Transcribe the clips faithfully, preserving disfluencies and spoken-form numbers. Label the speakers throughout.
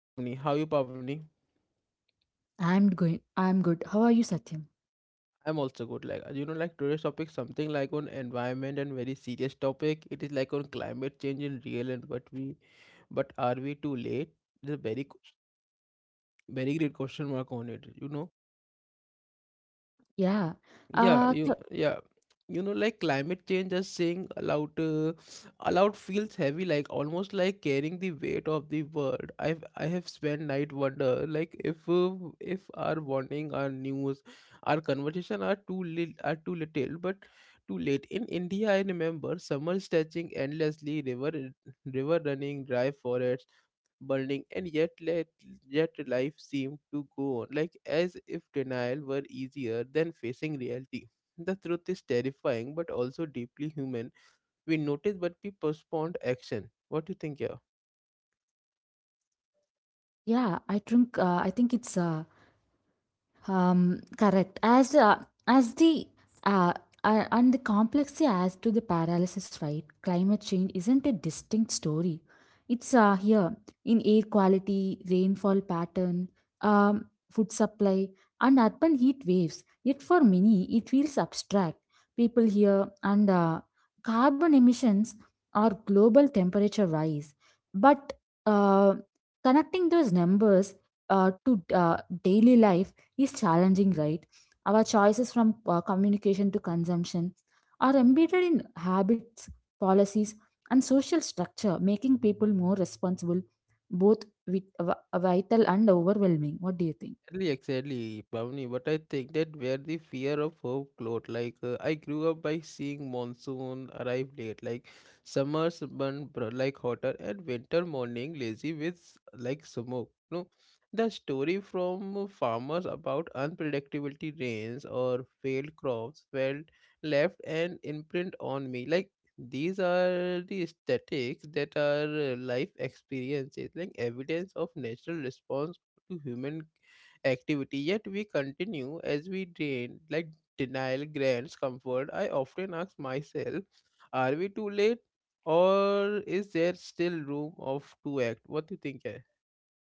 Speaker 1: Pavni. How you Pavni?
Speaker 2: I'm going. I'm good. How are you, Satyam?
Speaker 1: I'm also good. Like you know, like today's topic something like on environment and very serious topic. It is like on climate change in real and but we but are we too late? There's a very q- very great question mark on it, you know.
Speaker 2: Yeah.
Speaker 1: Yeah,
Speaker 2: Uh, th-
Speaker 1: you yeah. You know, like climate change just saying aloud uh, aloud feels heavy, like almost like carrying the weight of the world. I've I have spent night wonder, like if uh, if our warning, our news, our conversation are too little are too little, but too late. In India, I remember summer stretching endlessly, river river running, dry forests, burning and yet let yet life seemed to go on like as if denial were easier than facing reality. The truth is terrifying but also deeply human. We notice but we postponed action. What do you think? Yeah.
Speaker 2: yeah. I think. Uh, I think it's uh, Um, correct. As uh, as the uh, uh, and the complexity as to the paralysis, right? Climate change isn't a distinct story. It's uh, here in air quality, rainfall pattern, um, food supply, and urban heat waves. Yet for many, it feels abstract. People here and uh, carbon emissions or global temperature rise, but uh, connecting those numbers uh, to uh, daily life is challenging, right? Our choices from uh, communication to consumption are embedded in habits, policies, and social structure, making people more responsible, both vit- vi- vital and overwhelming. What do you think?
Speaker 1: Exactly, exactly, Pavni. But I think that where the fear of hope glowed. Like uh, I grew up by seeing monsoon arrive late, like summers burn br- like hotter, and winter morning lazy with s- like smoke. No, the story from farmers about unpredictability rains or failed crops felt left an imprint on me. Like these are the aesthetics that are uh, life experiences, like evidence of natural response to human activity, yet we continue as we drain, like denial grants comfort. I often ask myself, are we too late or is there still room of to act? What do you think?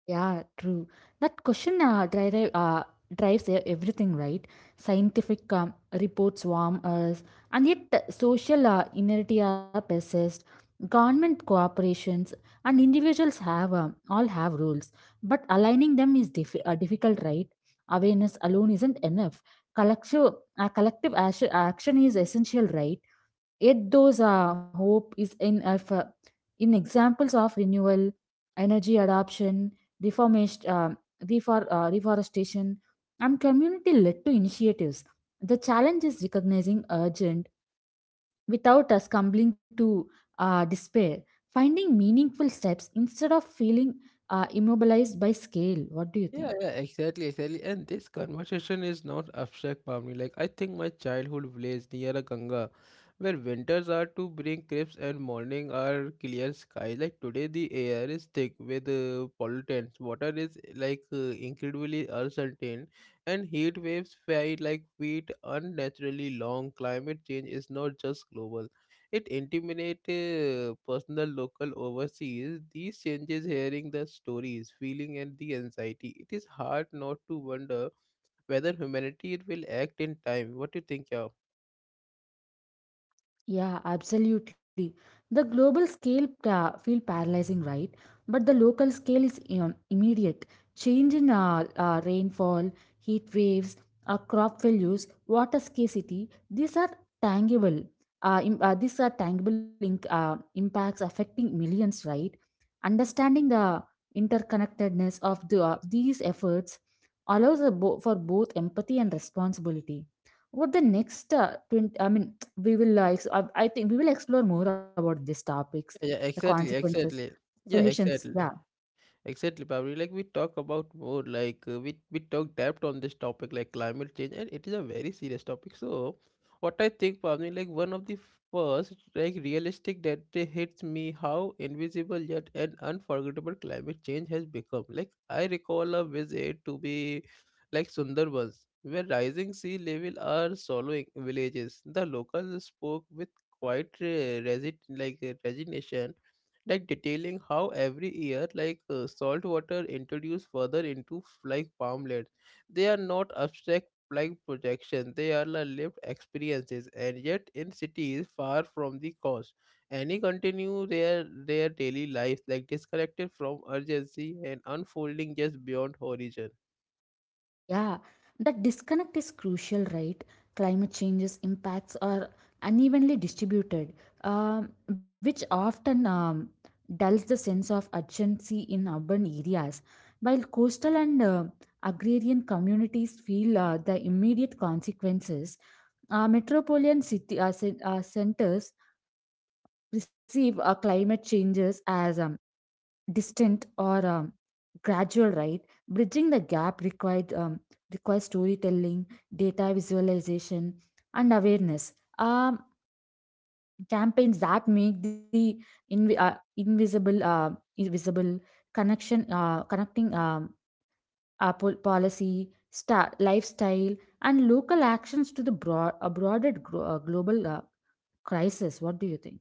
Speaker 2: Yeah, true. That question uh, drive, uh, drives e- everything, right? Scientific um, reports warm us, and yet uh, social uh, inertia persists. Government cooperations and individuals have um, all have rules, but aligning them is diff- uh, difficult, right? Awareness alone isn't enough. Collective, uh, collective action, action is essential, right? Yet those uh, hope is in effort. In examples of renewal, energy adoption, reformation, uh, refor- uh, reforestation, and community-led to initiatives. The challenge is recognizing urgent without us stumbling to uh, despair. Finding meaningful steps instead of feeling uh, immobilized by scale. What do you
Speaker 1: Yeah,
Speaker 2: think?
Speaker 1: yeah, exactly, exactly. And this conversation is not abstract, Pamni. Like, I think my childhood village near a Ganga, where winters are to bring crisps and morning are clear skies. Like, today the air is thick with uh, pollutants, water is like uh, incredibly uncertain, and heat waves fly like feet unnaturally long. Climate change is not just global, it intimidate uh, personal local overseas. These changes, hearing the stories, feeling, and the anxiety. It is hard not to wonder whether humanity will act in time. What do you think, yeah?
Speaker 2: Yeah, absolutely. The global scale pa- feel paralyzing, right? But the local scale is um, immediate. Change in uh, uh, rainfall, heat waves, uh, crop failures, water scarcity. These are tangible. Uh, im- uh, these are tangible inc- uh, impacts affecting millions, right? Understanding the interconnectedness of the of these efforts allows a bo- for both empathy and responsibility. What the next uh, twenty, I mean we will uh, ex- uh, I think we will explore more about these topics the
Speaker 1: Yeah, exactly,
Speaker 2: consequences
Speaker 1: exactly. Yeah,
Speaker 2: solutions yeah.
Speaker 1: exactly. Exactly, Pavli. Like we talk about more, like uh, we we talk depth on this topic, like climate change, and it is a very serious topic. So, what I think, Pavli, like one of the first like realistic that uh, hits me how invisible yet an unforgettable climate change has become. Like I recall a visit to be like Sundarbans, where rising sea level are swallowing villages. The locals spoke with quite uh, resi- like uh, resignation, like detailing how every year like uh, salt water introduced further into f- like farmlands. They are not abstract like projections, they are the lived experiences, and yet in cities far from the coast, any continue their their daily lives like disconnected from urgency and unfolding just beyond horizon.
Speaker 2: Yeah, that disconnect is crucial, right? Climate change's impacts are unevenly distributed, um, which often um, dulls the sense of urgency in urban areas while coastal and uh, agrarian communities feel uh, the immediate consequences. Uh, metropolitan city uh, cen- uh, centers receive uh, climate changes as um, distant or um, gradual, right? Bridging the gap required um, requires storytelling, data visualization, and awareness um, campaigns that make the invi- uh, invisible uh, invisible connection uh, connecting um, our pol- policy star, lifestyle and local actions to the broad a broader gro- uh, global uh, crisis. What do you think?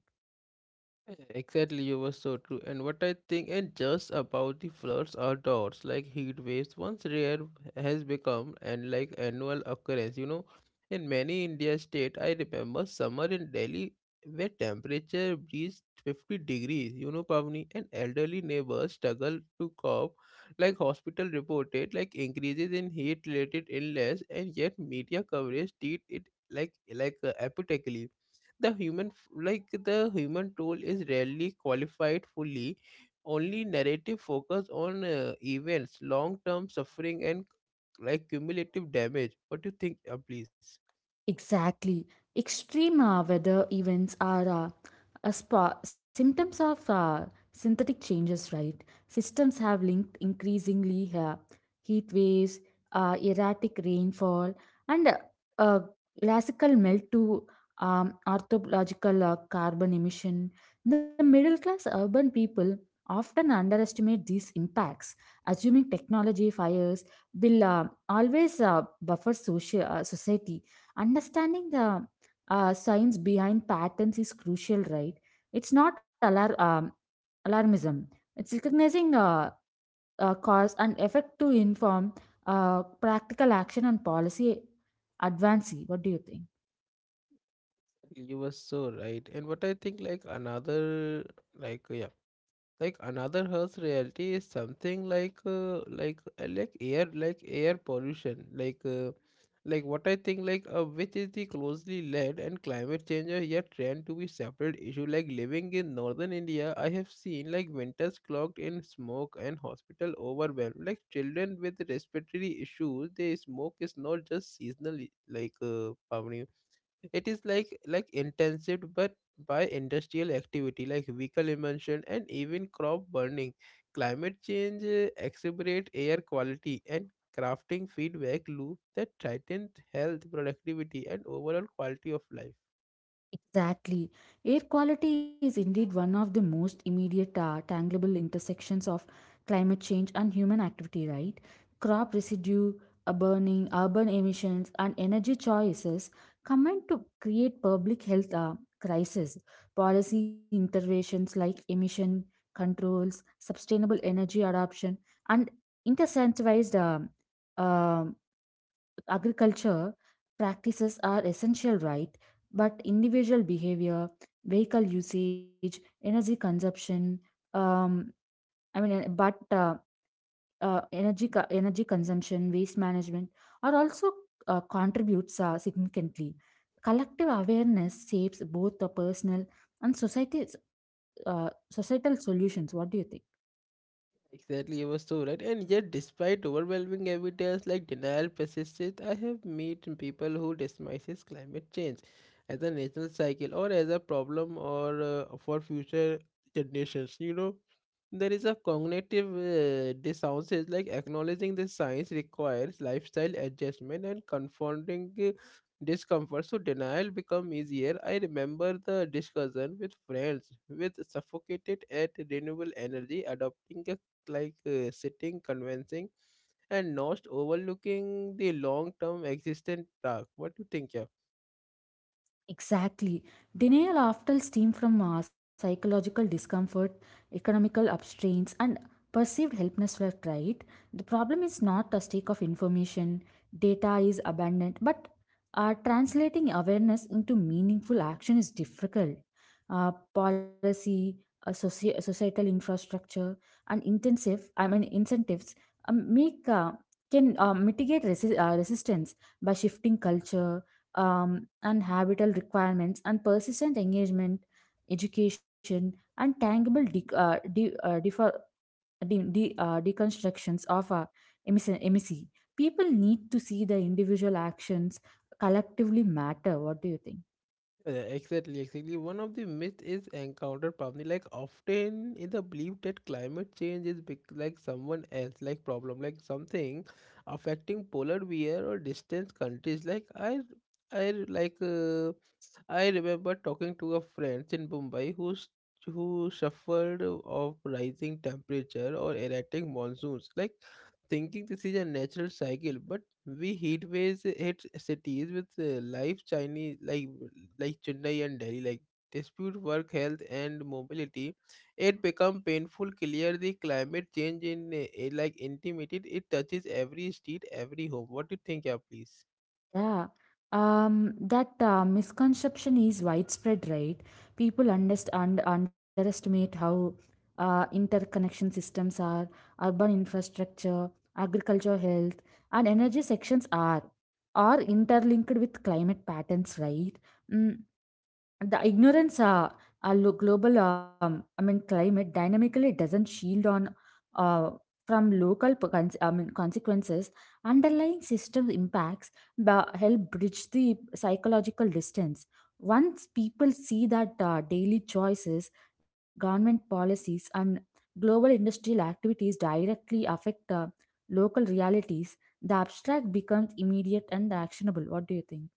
Speaker 1: Exactly, you were so true. And what I think, and just about the floods or droughts, like heat waves, once rare has become and like annual occurrence. You know, in many India state, I remember summer in Delhi where temperature reached fifty degrees. You know, Pavni, and elderly neighbors struggle to cope. Like hospital reported, like increases in heat-related illness, and yet media coverage treat it like like uh, apathetically. The human f- like the human tool is rarely qualified fully. Only narrative focus on uh, events long term suffering and like cumulative damage. What do you think? uh, please.
Speaker 2: Exactly. Extreme uh, weather events are uh, a spa symptoms of uh, synthetic changes, right? Systems have linked increasingly uh, heat waves, uh, erratic rainfall, and uh, uh, glacial melt to um, orthological uh, carbon emission. The middle class urban people often underestimate these impacts, assuming technology fires will uh, always uh, buffer social, uh, society. Understanding the uh, science behind patterns is crucial, right? It's not alar- um, alarmism. It's recognizing uh, uh, cause and effect to inform uh, practical action and policy advancing. What do you think?
Speaker 1: You were so right and what I think like another like yeah, like another harsh reality is something like uh, like uh, like air like air pollution like uh, like what I think like uh, which is the closely led and climate change are yet trend to be separate issue, like living in northern india, I have seen like winters clogged in smoke and hospital overwhelmed like children with respiratory issues. They smoke is not just seasonal, like uh, Pavni, it is like like intensive but by industrial activity, like vehicle emission and even crop burning. Climate change uh, exacerbate air quality and crafting feedback loop that tightens health, productivity, and overall quality of life.
Speaker 2: Exactly. Air quality is indeed one of the most immediate, uh, tangible intersections of climate change and human activity, right? Crop residue, uh, burning, urban emissions, and energy choices combine to create public health uh, crisis. Policy interventions like emission controls, sustainable energy adoption, and incentivized um, um, agriculture practices are essential, right? But individual behavior, vehicle usage, energy consumption, um, I mean, uh, but uh, uh, energy co- energy consumption, waste management are also uh, contributes uh, significantly. Collective awareness saves both the personal and society's uh, societal solutions. What do you think?
Speaker 1: Exactly, you were so right. And yet, despite overwhelming evidence like denial persists, I have met people who dismisses climate change as a natural cycle or as a problem or uh, for future generations. You know, there is a cognitive uh, dissonance like acknowledging the science requires lifestyle adjustment and confronting uh, discomfort. So denial become easier. I remember the discussion with friends with suffocated at renewable energy adopting a like uh, sitting, convincing, and not overlooking the long-term existent task. What do you think, yeah?
Speaker 2: Exactly. Denial often stems from uh, psychological discomfort, economical upstrains, and perceived helplessness, right? The problem is not a stake of information, data is abundant, but uh, translating awareness into meaningful action is difficult. Uh, policy, uh, soci- societal infrastructure, and intensive, I mean incentives um, make uh, can uh, mitigate resi- uh, resistance by shifting culture um, and habitat requirements and persistent engagement, education, and tangible de- uh, de- uh, defer- de- de- uh, deconstructions of uh, emissary. emissary. People need to see the individual actions collectively matter. What do you think?
Speaker 1: Uh, Exactly, exactly. One of the myths is encounter problem. Like often in the belief that climate change is big, like someone else, like problem, like something affecting polar bear or distant countries. Like I, I like. Uh, I remember talking to a friend in Mumbai who s- who suffered of rising temperature or erratic monsoons, like thinking this is a natural cycle. But we heat waves hit cities with uh, live Chinese like like Chennai and Delhi, like dispute work health and mobility. It become painful. Clear the climate change in uh, like intimated. It touches every street, every home. What do you think, yeah, please?
Speaker 2: Yeah, um, that uh, misconception is widespread, right? People underst und underestimate how uh, interconnection systems are, urban infrastructure, agriculture, health, and energy sections are, are interlinked with climate patterns, right? Mm, the ignorance uh, our lo- global um, i mean climate dynamically doesn't shield on uh, from local p- cons- I mean, consequences underlying system impacts ba- help bridge the psychological distance once people see that uh, daily choices, government policies, and global industrial activities directly affect uh, local realities. The abstract becomes immediate and actionable. What do you think?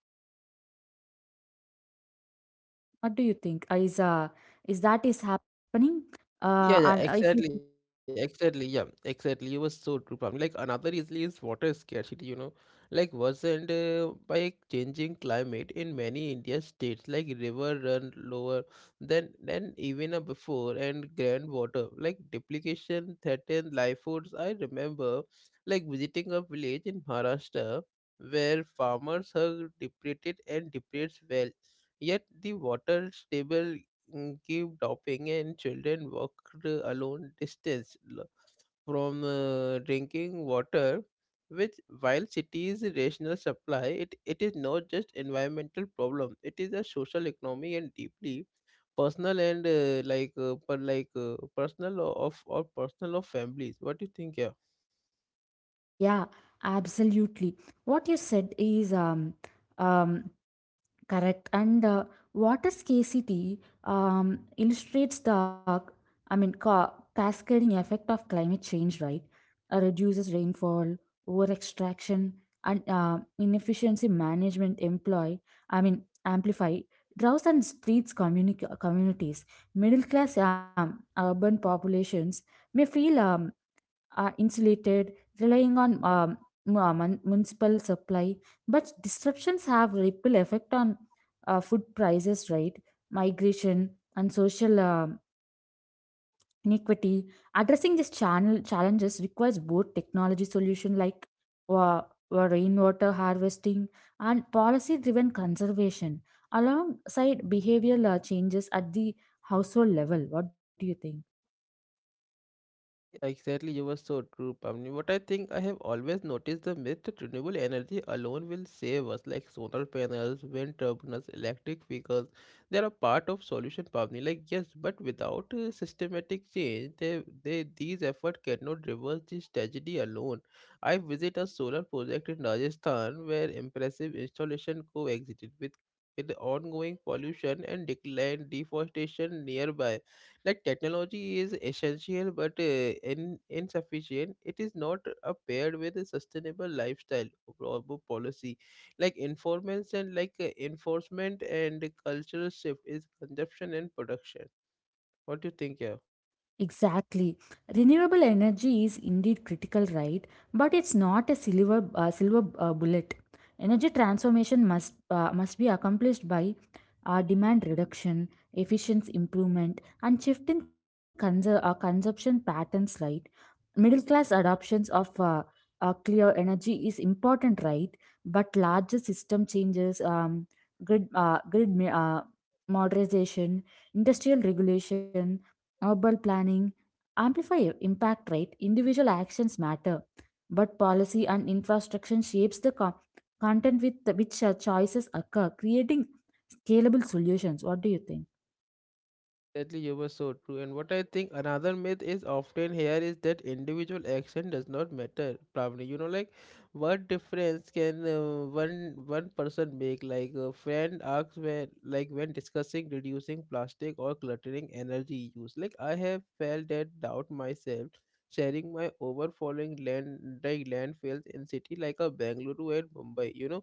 Speaker 2: What do you think? Uh, Is uh is that is happening? Uh, and
Speaker 1: Yeah, yeah,
Speaker 2: if you
Speaker 1: exactly, exactly. Yeah, exactly. You were so true, Pamni. Like another easily is water scarcity, you know, like worsened uh, by changing climate in many India states, like river run lower than than even uh, before, and groundwater like duplication threatened life foods. I remember like visiting a village in Maharashtra where farmers have depleted and depletes well, yet the water stable mm, keep dropping, and children walked alone distance l- from uh, drinking water. Which, while cities rational supply, it, it is not just environmental problem. It is a social, economic, and deeply personal and uh, like uh, per, like uh, personal of or personal of families. What do you think? Yeah.
Speaker 2: yeah, absolutely. What you said is um um correct. And uh, water scarcity um, illustrates the, I mean, ca- cascading effect of climate change, right? Uh, reduces rainfall, over extraction, and uh, inefficiency management employ, I mean, amplify droughts and streets communi- communities. Middle class um, urban populations may feel um, uh, insulated, relying on um, mu- uh, mun- municipal supply. But disruptions have ripple effect on uh, food prices, right? Migration and social um inequity. Addressing these channel challenges requires both technology solution like uh, uh, rainwater harvesting and policy-driven conservation alongside behavioral uh, changes at the household level. What do you think?
Speaker 1: Exactly, you were so true, Pamni. What I think I have always noticed the myth that renewable energy alone will save us, like solar panels, wind turbines, electric vehicles. They are a part of solution, Pamni. Like yes, but without uh, systematic change, they, they these efforts cannot reverse this tragedy alone. I visit a solar project in Rajasthan where impressive installation coexisted with with ongoing pollution and decline deforestation nearby. Like technology is essential but uh, in, insufficient it is not uh, paired with a sustainable lifestyle or po- policy like informants and like uh, enforcement and cultural shift is consumption and production. What do you think here?
Speaker 2: Exactly. Renewable energy is indeed critical, right? But it's not a silver uh, silver uh, bullet. Energy transformation must uh, must be accomplished by uh, demand reduction, efficiency improvement, and shift in conser- uh, consumption patterns, right? Middle class adoptions of uh, uh, clear energy is important, right? But larger system changes, um, grid uh, grid ma- uh, modernization, industrial regulation, urban planning amplify impact, right? Individual actions matter, but policy and infrastructure shapes the co- content with the- which uh, choices occur, creating scalable solutions. What do you think?
Speaker 1: Definitely, you were so true. And what I think another myth is often here is that individual action does not matter. Probably, you know, like what difference can uh, one one person make? Like a friend asks when, like when discussing reducing plastic or cluttering energy use. Like I have felt that doubt myself. Sharing my overflowing land, like landfills in city like a Bangalore and Mumbai, you know,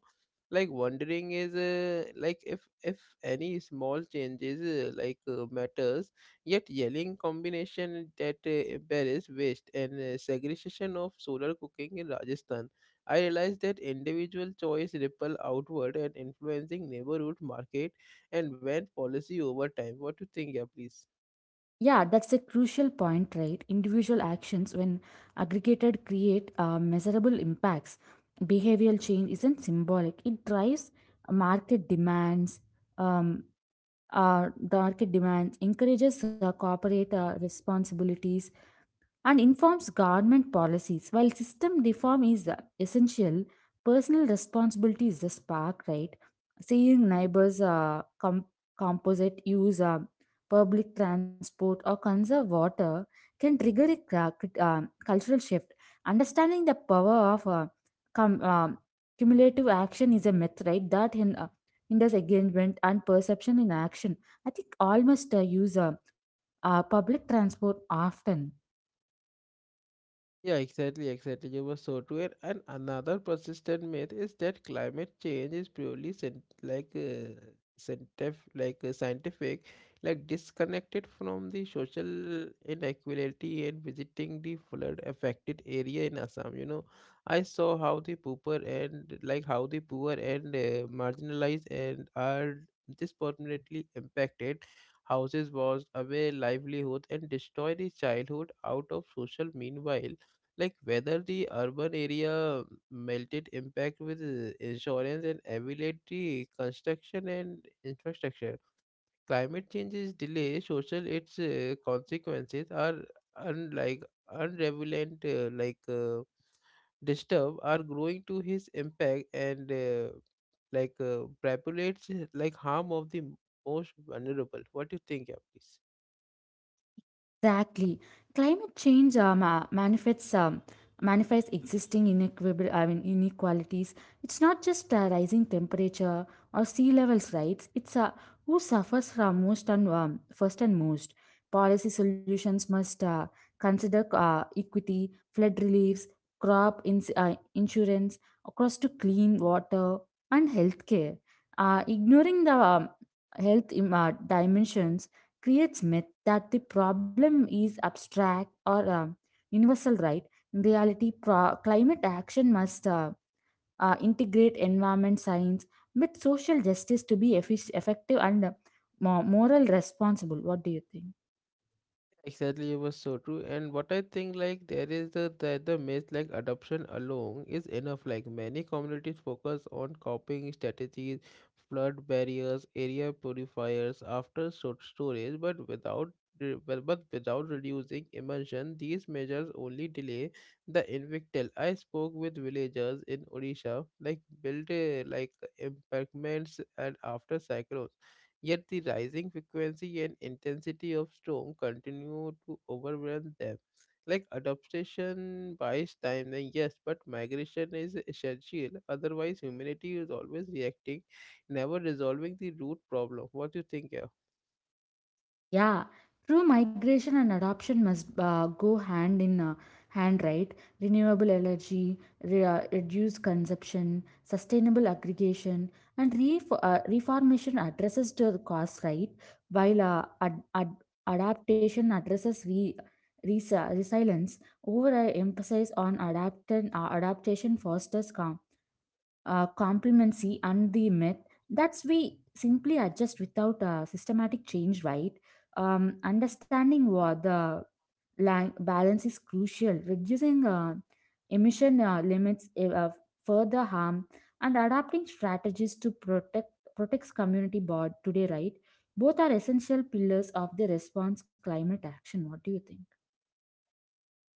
Speaker 1: like wondering is uh, like if if any small changes uh, like uh, matters. Yet yelling combination that uh, embarrass waste and uh, segregation of solar cooking in Rajasthan, I realized that individual choice ripple outward and influencing neighborhood market and when policy over time. What do you think, yeah, please?
Speaker 2: Yeah, that's a crucial point, right? Individual actions when aggregated create uh, measurable impacts. Behavioral change isn't symbolic. It drives market demands. Um, uh, the market demands encourages uh, corporate uh, responsibilities and informs government policies. While system reform is uh, essential, personal responsibility is the spark, right? Seeing neighbors uh, com- composite use uh, public transport or conserve water can trigger a cra- crit- uh, cultural shift. Understanding the power of uh, cum- uh, cumulative action is a myth, right? That in uh, hinders engagement and perception in action. I think all must uh, use uh, uh, public transport often.
Speaker 1: Yeah, exactly, exactly. You were so true. And and another persistent myth is that climate change is purely scien- like uh, scientific, like uh, scientific, like disconnected from the social inequality and visiting the flood affected area in Assam. You know, I saw how the poor and like how the poor and uh, marginalized and are disproportionately impacted. Houses washed away livelihood and destroy the childhood out of social meanwhile like whether the urban area melted impact with uh, insurance and availability construction and infrastructure. Climate change's delay social its uh, consequences are unlike unrelevant uh, like uh, disturb are growing to his impact and uh, like uh, populates uh, like harm of the most vulnerable. What do you think, yeah, please?
Speaker 2: Exactly. Climate change um, uh, manifests um, manifests existing inequitable I mean inequalities. It's not just uh, rising temperature or sea levels, right? It's uh, who suffers from most and um, first and most. Policy solutions must uh, consider uh, equity, flood reliefs, crop ins- uh, insurance, across to clean water and healthcare. Uh, ignoring the um, health im- uh, dimensions creates that the problem is abstract or um, universal, right? In reality, pro- climate action must uh, uh, integrate environment science with social justice to be effic- effective and uh, mo- moral responsible. What do you think?
Speaker 1: Exactly, it was so true. And what I think, like, there is the the, the myth like adoption alone is enough. Like many communities focus on coping strategies, flood barriers, area purifiers, after sort storage, but without re- but but without reducing immersion, these measures only delay the invictal. I spoke with villagers in Odisha, like built uh, like impactments and after cyclones. Yet the rising frequency and intensity of storm continue to overwhelm them. Like adaptation buys time, then yes, but migration is essential. Otherwise, humanity is always reacting, never resolving the root problem. What do you think?
Speaker 2: Yeah, true. Migration and adoption must uh, go hand in uh, hand, right? Renewable energy, re- uh, reduced consumption, sustainable aggregation, and ref- uh, reformation addresses to the cost, right? While uh, ad- ad- adaptation addresses re- resi- resilience, over uh, emphasis on adapt- uh, adaptation fosters calm uh, complimency and the myth that's we simply adjust without a systematic change, right? Um, understanding what the lang- balance is crucial. Reducing uh, emission uh, limits eh, uh, further harm and adapting strategies to protect protects community board today, right? Both are essential pillars of the response climate action. What do you think?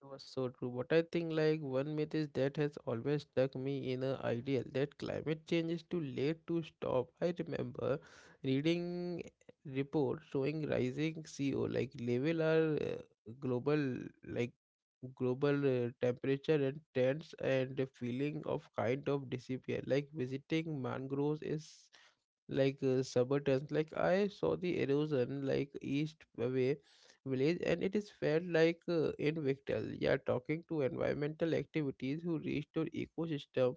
Speaker 1: It was so true. But I think like one myth is that has always stuck me in a ideal that climate change is too late to stop. I remember reading reports showing rising C O like level are uh, global like global uh, temperature and trends, and the feeling of kind of disappear. Like visiting mangroves is like uh, suburbans. Like I saw the erosion, like east away village, and it is felt like uh, in Victal. Yeah, talking to environmental activities who restore ecosystem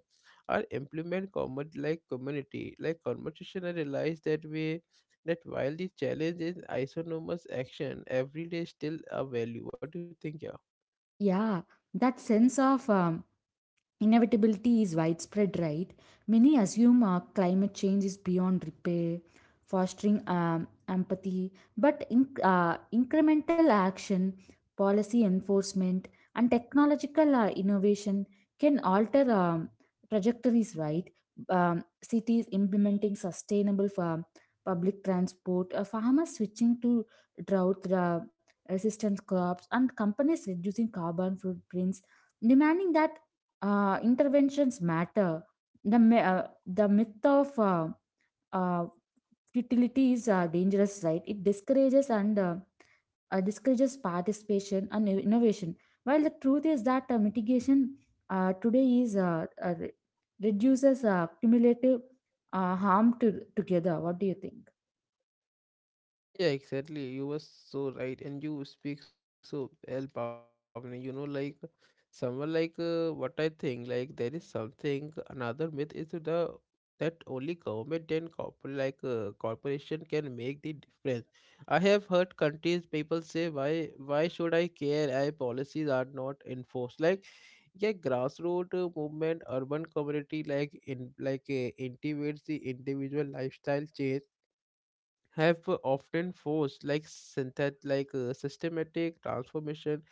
Speaker 1: or implement common like community like conversation, I realize that way that while the challenge is isonomous action, every day is still a value. What do you think, yeah?
Speaker 2: Yeah, that sense of um, inevitability is widespread, right? Many assume uh, climate change is beyond repair, fostering um, empathy, but in, uh, incremental action, policy enforcement, and technological uh, innovation can alter um, trajectories, right? Um, cities implementing sustainable farm, public transport, uh, farmers switching to drought uh, resistant crops, and companies reducing carbon footprints demanding that uh, interventions matter. The me- uh, the myth of uh, uh, futility is uh, dangerous, right? It discourages and uh, uh, discourages participation and inno- innovation. While the truth is that uh, mitigation uh, today is uh, uh, re- reduces uh, cumulative uh, harm to together. What do you think?
Speaker 1: Yeah, exactly. You were so right, and you speak so well, Pavni. You know, like someone like uh, what I think, like there is something another myth is the that only government and corpor like uh, corporation can make the difference. I have heard countries people say, why why should I care? I policies are not enforced. Like, yeah, grassroots uh, movement, urban community, like in like uh, intimates the individual lifestyle change, have uh, often forced like synthet like uh, systematic transformation.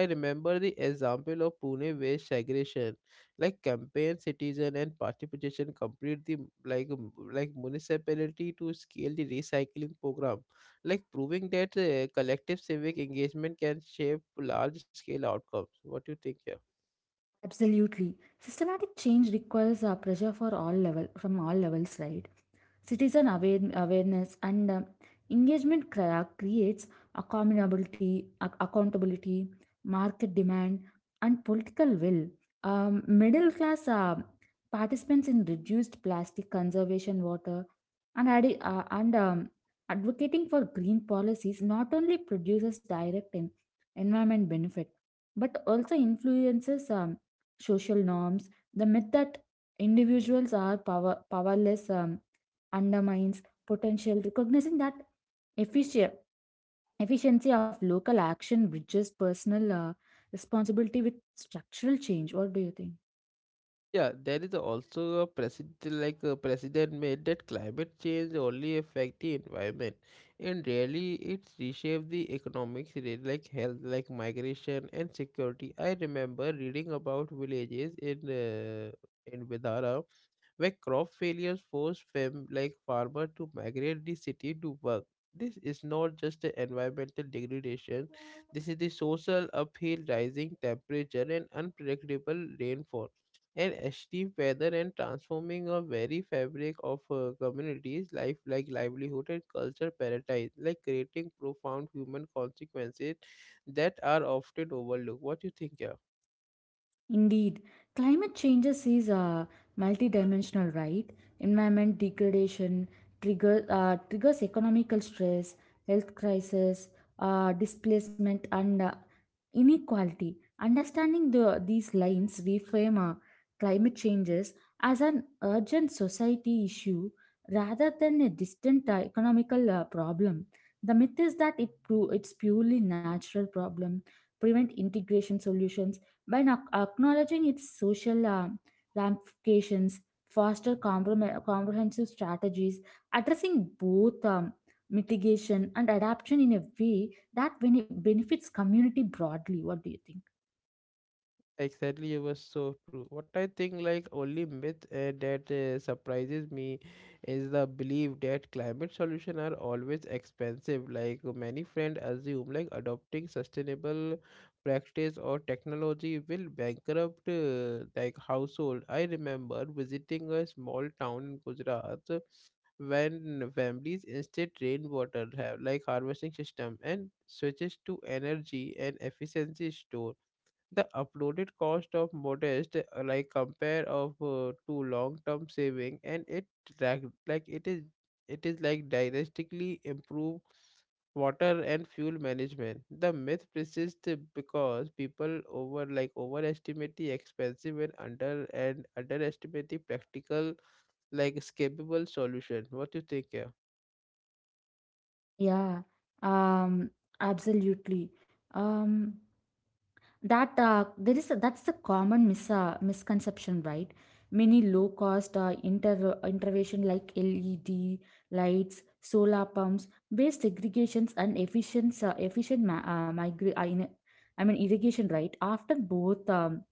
Speaker 1: I remember the example of Pune where segregation, like campaign citizen and participation, complete the like m- like municipality to scale the recycling program, like proving that uh, collective civic engagement can shape large scale outcomes. What do you think here?
Speaker 2: Absolutely, systematic change requires uh, pressure for all level from all levels, right? Citizen aware- awareness and uh, engagement crea- creates accountability, ac- accountability, market demand, and political will. Um, middle class uh, participants in reduced plastic conservation, water, and addi- uh, and um, advocating for green policies not only produces direct en- environment benefit but also influences um, social norms. The myth that individuals are power- powerless. Um, undermines potential, recognizing that effici- efficiency of local action bridges personal uh, responsibility with structural change. What do you think?
Speaker 1: Yeah, there is also a precedent, like a precedent made that climate change only affect the environment, and really it reshapes the economics, re- like health, like migration and security. I remember reading about villages in uh, in Vidara where crop failures forced fam like farmers to migrate the city to work. This is not just the environmental degradation. This is the social uphill, rising temperature, and unpredictable rainfall and extreme weather, and transforming a very fabric of a community's life like livelihood and culture paradise, like creating profound human consequences that are often overlooked. What do you think, yeah?
Speaker 2: Indeed, climate changes is uh, multidimensional, right? Environment degradation trigger, uh, triggers economical stress, health crisis, uh, displacement, and uh, inequality. Understanding the, these lines reframe uh, climate changes as an urgent society issue rather than a distant uh, economical uh, problem. The myth is that it, pu- it's purely natural problem, prevent integration solutions by ac- acknowledging its social uh, ramifications, foster comprom- comprehensive strategies, addressing both um, mitigation and adaptation in a way that bene- benefits community broadly. What do you think?
Speaker 1: Exactly, it was so true. What I think, like only myth uh, that uh, surprises me is the belief that climate solutions are always expensive. Like, many friends assume, like, adopting sustainable practice or technology will bankrupt, uh, like, household. I remember visiting a small town in Gujarat uh, when families instead rainwater have, like, harvesting system, and switches to energy and efficiency store the uploaded cost of modest, uh, like compare of uh, to long-term saving, and it drag- like it is it is like drastically improve water and fuel management. The myth persists because people over like overestimate the expensive and under and underestimate the practical like escapable solution. What do you think? Yeah.
Speaker 2: Yeah, um, absolutely. Um, that uh, there is a, that's the common mis- uh, misconception, right? Many low cost uh, inter- intervention like led lights, solar pumps based irrigations, and efficient uh, efficient ma- uh, migra- I, mean- I mean irrigation, right after both um,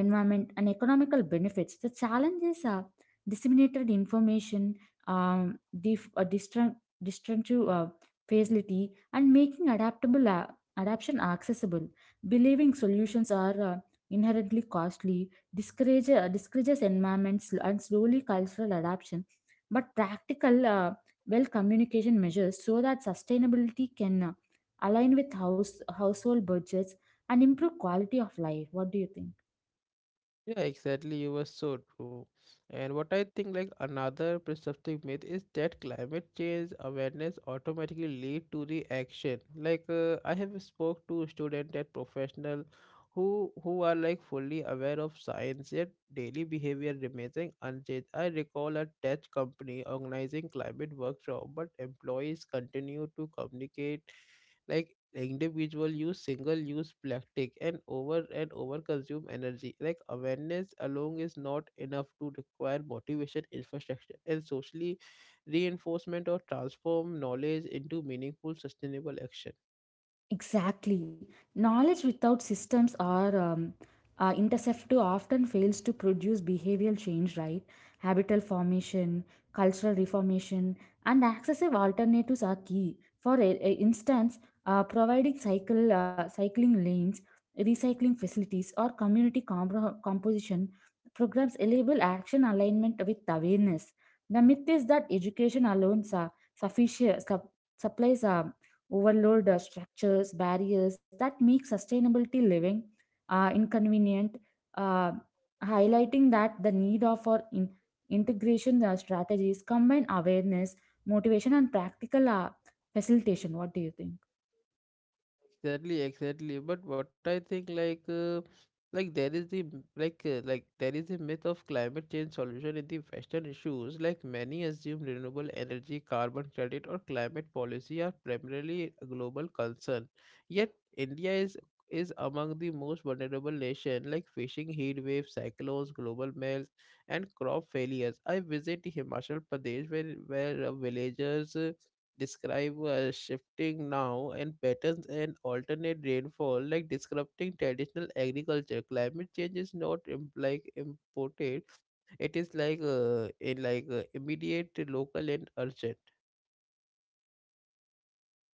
Speaker 2: environment and economical benefits. The challenges are disseminated information, um, dif- uh, distra- destructive uh, facility, and making adaptable uh, adaption accessible. Believing solutions are uh, inherently costly discourage, uh, discourages environments and slowly cultural adaption, but practical, uh, well communication measures so that sustainability can uh, align with house, household budgets and improve quality of life. What do you think?
Speaker 1: Yeah, exactly. You were so true. And what I think, like another perceptive myth is that climate change awareness automatically lead to reaction. Like, uh, I have spoke to student and professional who who are like fully aware of science, yet daily behavior remains unchanged. I recall a tech company organizing climate workshop, but employees continue to communicate, like, individual use single use plastic and over and over consume energy, like awareness alone is not enough to require motivation, infrastructure, and socially reinforcement, or transform knowledge into meaningful sustainable action.
Speaker 2: Exactly. Knowledge without systems are um, uh, interceptive, often fails to produce behavioral change, right? Habital formation, cultural reformation, and accessible alternatives are key. For a- a instance, uh, providing cycle uh, cycling lanes, recycling facilities, or community compro- composition programs enable action alignment with awareness. The myth is that education alone sa- sufficient, sup- supplies um, overload uh, structures, barriers that make sustainability living uh, inconvenient, uh, highlighting that the need of for in- integration uh, strategies combine awareness, motivation, and practical uh, facilitation. What do you think?
Speaker 1: Exactly, exactly. But what I think, like uh, like there is the m- like uh, like there is a myth of climate change solution in the Western issues. Like, many assume renewable energy, carbon credit, or climate policy are primarily a global concern. Yet India is is among the most vulnerable nation, like facing heat waves, cyclones, global melts, and crop failures. I visit Himachal Pradesh, where where uh, villagers uh, describe uh, shifting now and patterns and alternate rainfall, like disrupting traditional agriculture. Climate change is not im- like imported. It is like uh, in like uh, immediate, local, and urgent.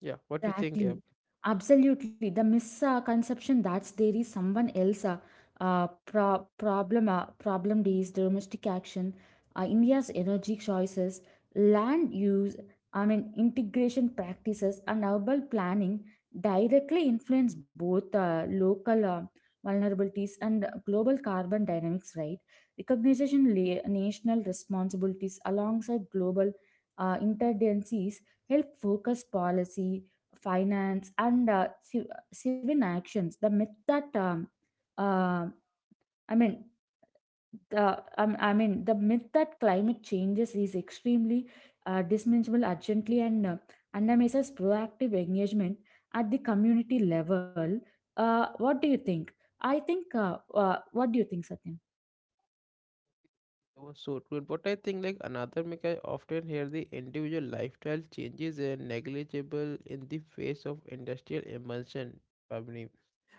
Speaker 1: Yeah, what do you think? Yeah.
Speaker 2: Exactly. Absolutely. The misconception that there is someone else uh, uh, pro- problem uh, problem is domestic action, uh, India's energy choices, land use, I mean integration practices, and urban planning directly influence both uh, local uh, vulnerabilities and global carbon dynamics. Right? Recognition la- national responsibilities alongside global uh, interdependencies help focus policy, finance, and uh, civ- civil actions. The myth that um, uh, i mean the um, I mean the myth that climate changes is extremely uh, dismissable urgently and uh, undermines proactive engagement at the community level. Uh, what do you think? I think uh, uh, What do you think, Satyam?
Speaker 1: That was so true. And what I think, like another make I often hear, the individual lifestyle changes are negligible in the face of industrial emulsion, Pavni.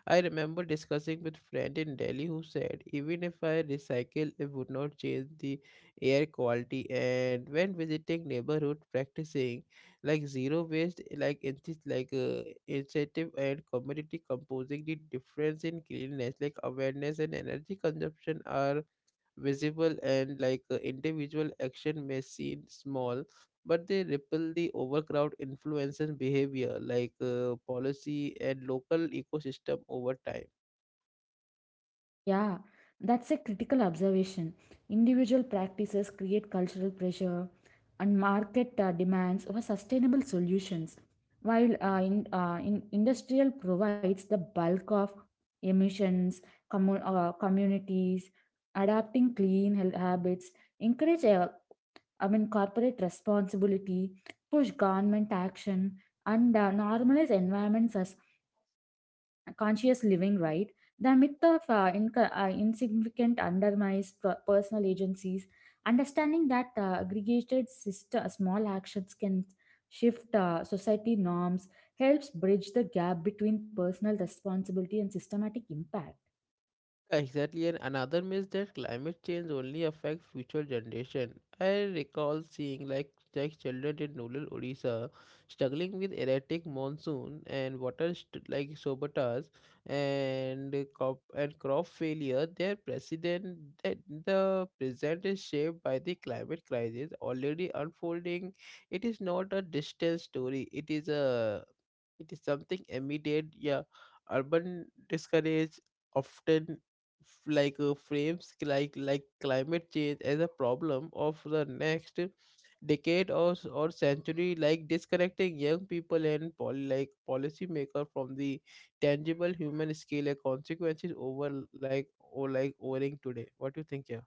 Speaker 1: I remember discussing with friend in Delhi who said even if I recycle it would not change the air quality. And when visiting neighborhood practicing, like zero waste, like inti- like uh, incentive and community composing, the difference in cleanliness, like awareness and energy consumption are visible. And like uh, individual action may seem small, but they ripple the overcrowd influence and behavior, like uh, policy and local ecosystem over time.
Speaker 2: Yeah, that's a critical observation. Individual practices create cultural pressure and market uh, demands for sustainable solutions, while uh, in, uh, in industrial provides the bulk of emissions, commu- uh, communities adapting clean health habits, encourage uh, I mean corporate responsibility, push government action, and uh, normalize environments conscious living, right? The myth of uh, inc- uh, insignificant undermines per- personal agencies, understanding that uh, aggregated sister, uh, small actions can shift uh, society norms, helps bridge the gap between personal responsibility and systematic impact.
Speaker 1: Exactly, and another myth that climate change only affects future generation. I recall seeing like like children in rural Odisha struggling with erratic monsoon and water st- like sabotage and crop and crop failure. Their president that the present is shaped by the climate crisis already unfolding. It is not a distant story. It is a it is something immediate. Yeah, urban discourage often f- like uh, frames c- like like climate change as a problem of the next decade or s- or century, like disconnecting young people and pol- like policymaker from the tangible human scale and consequences over like or like owning today. What do you think, yeah?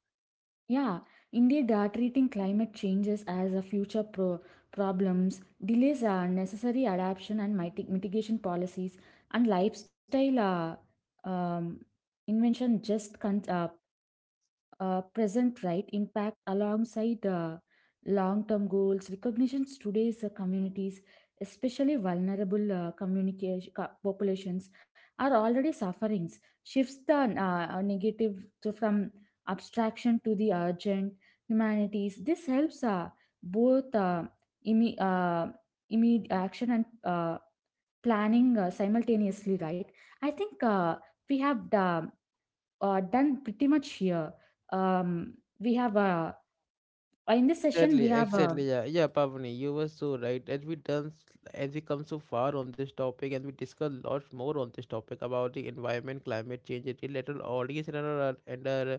Speaker 2: Yeah, indeed, uh, treating climate changes as a future pro- problems delays uh, necessary adaptation and mitig- mitigation policies and lifestyle uh, um, invention just con- uh, uh, present right impact alongside uh, long term goals recognitions today's uh, communities, especially vulnerable uh, communication co- populations are already sufferings shifts the uh, uh, negative to, from abstraction to the urgent humanities. This helps uh, both uh, imme- uh, immediate action and uh, planning uh, simultaneously, right? I think uh, We have uh, uh, done pretty much here. Um, we have uh, in this session
Speaker 1: Exactly,
Speaker 2: we have uh,
Speaker 1: exactly. Yeah, yeah, Pavni, you were so right. As we done, as we come so far on this topic, and we discuss lots more on this topic about the environment, climate change, it will let our audience and our, and our uh,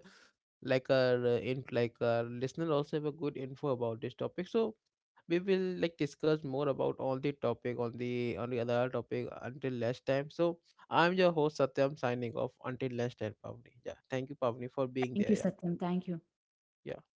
Speaker 1: like our uh, in like our listener also have a good info about this topic. So we will like discuss more about all the topic on the on the other topic until last time. So I'm your host Satyam, signing off until last time, Pavni. Yeah, thank you, Pavni, for being
Speaker 2: thank you,
Speaker 1: there. Yeah,
Speaker 2: Satyam. Thank you.
Speaker 1: yeah.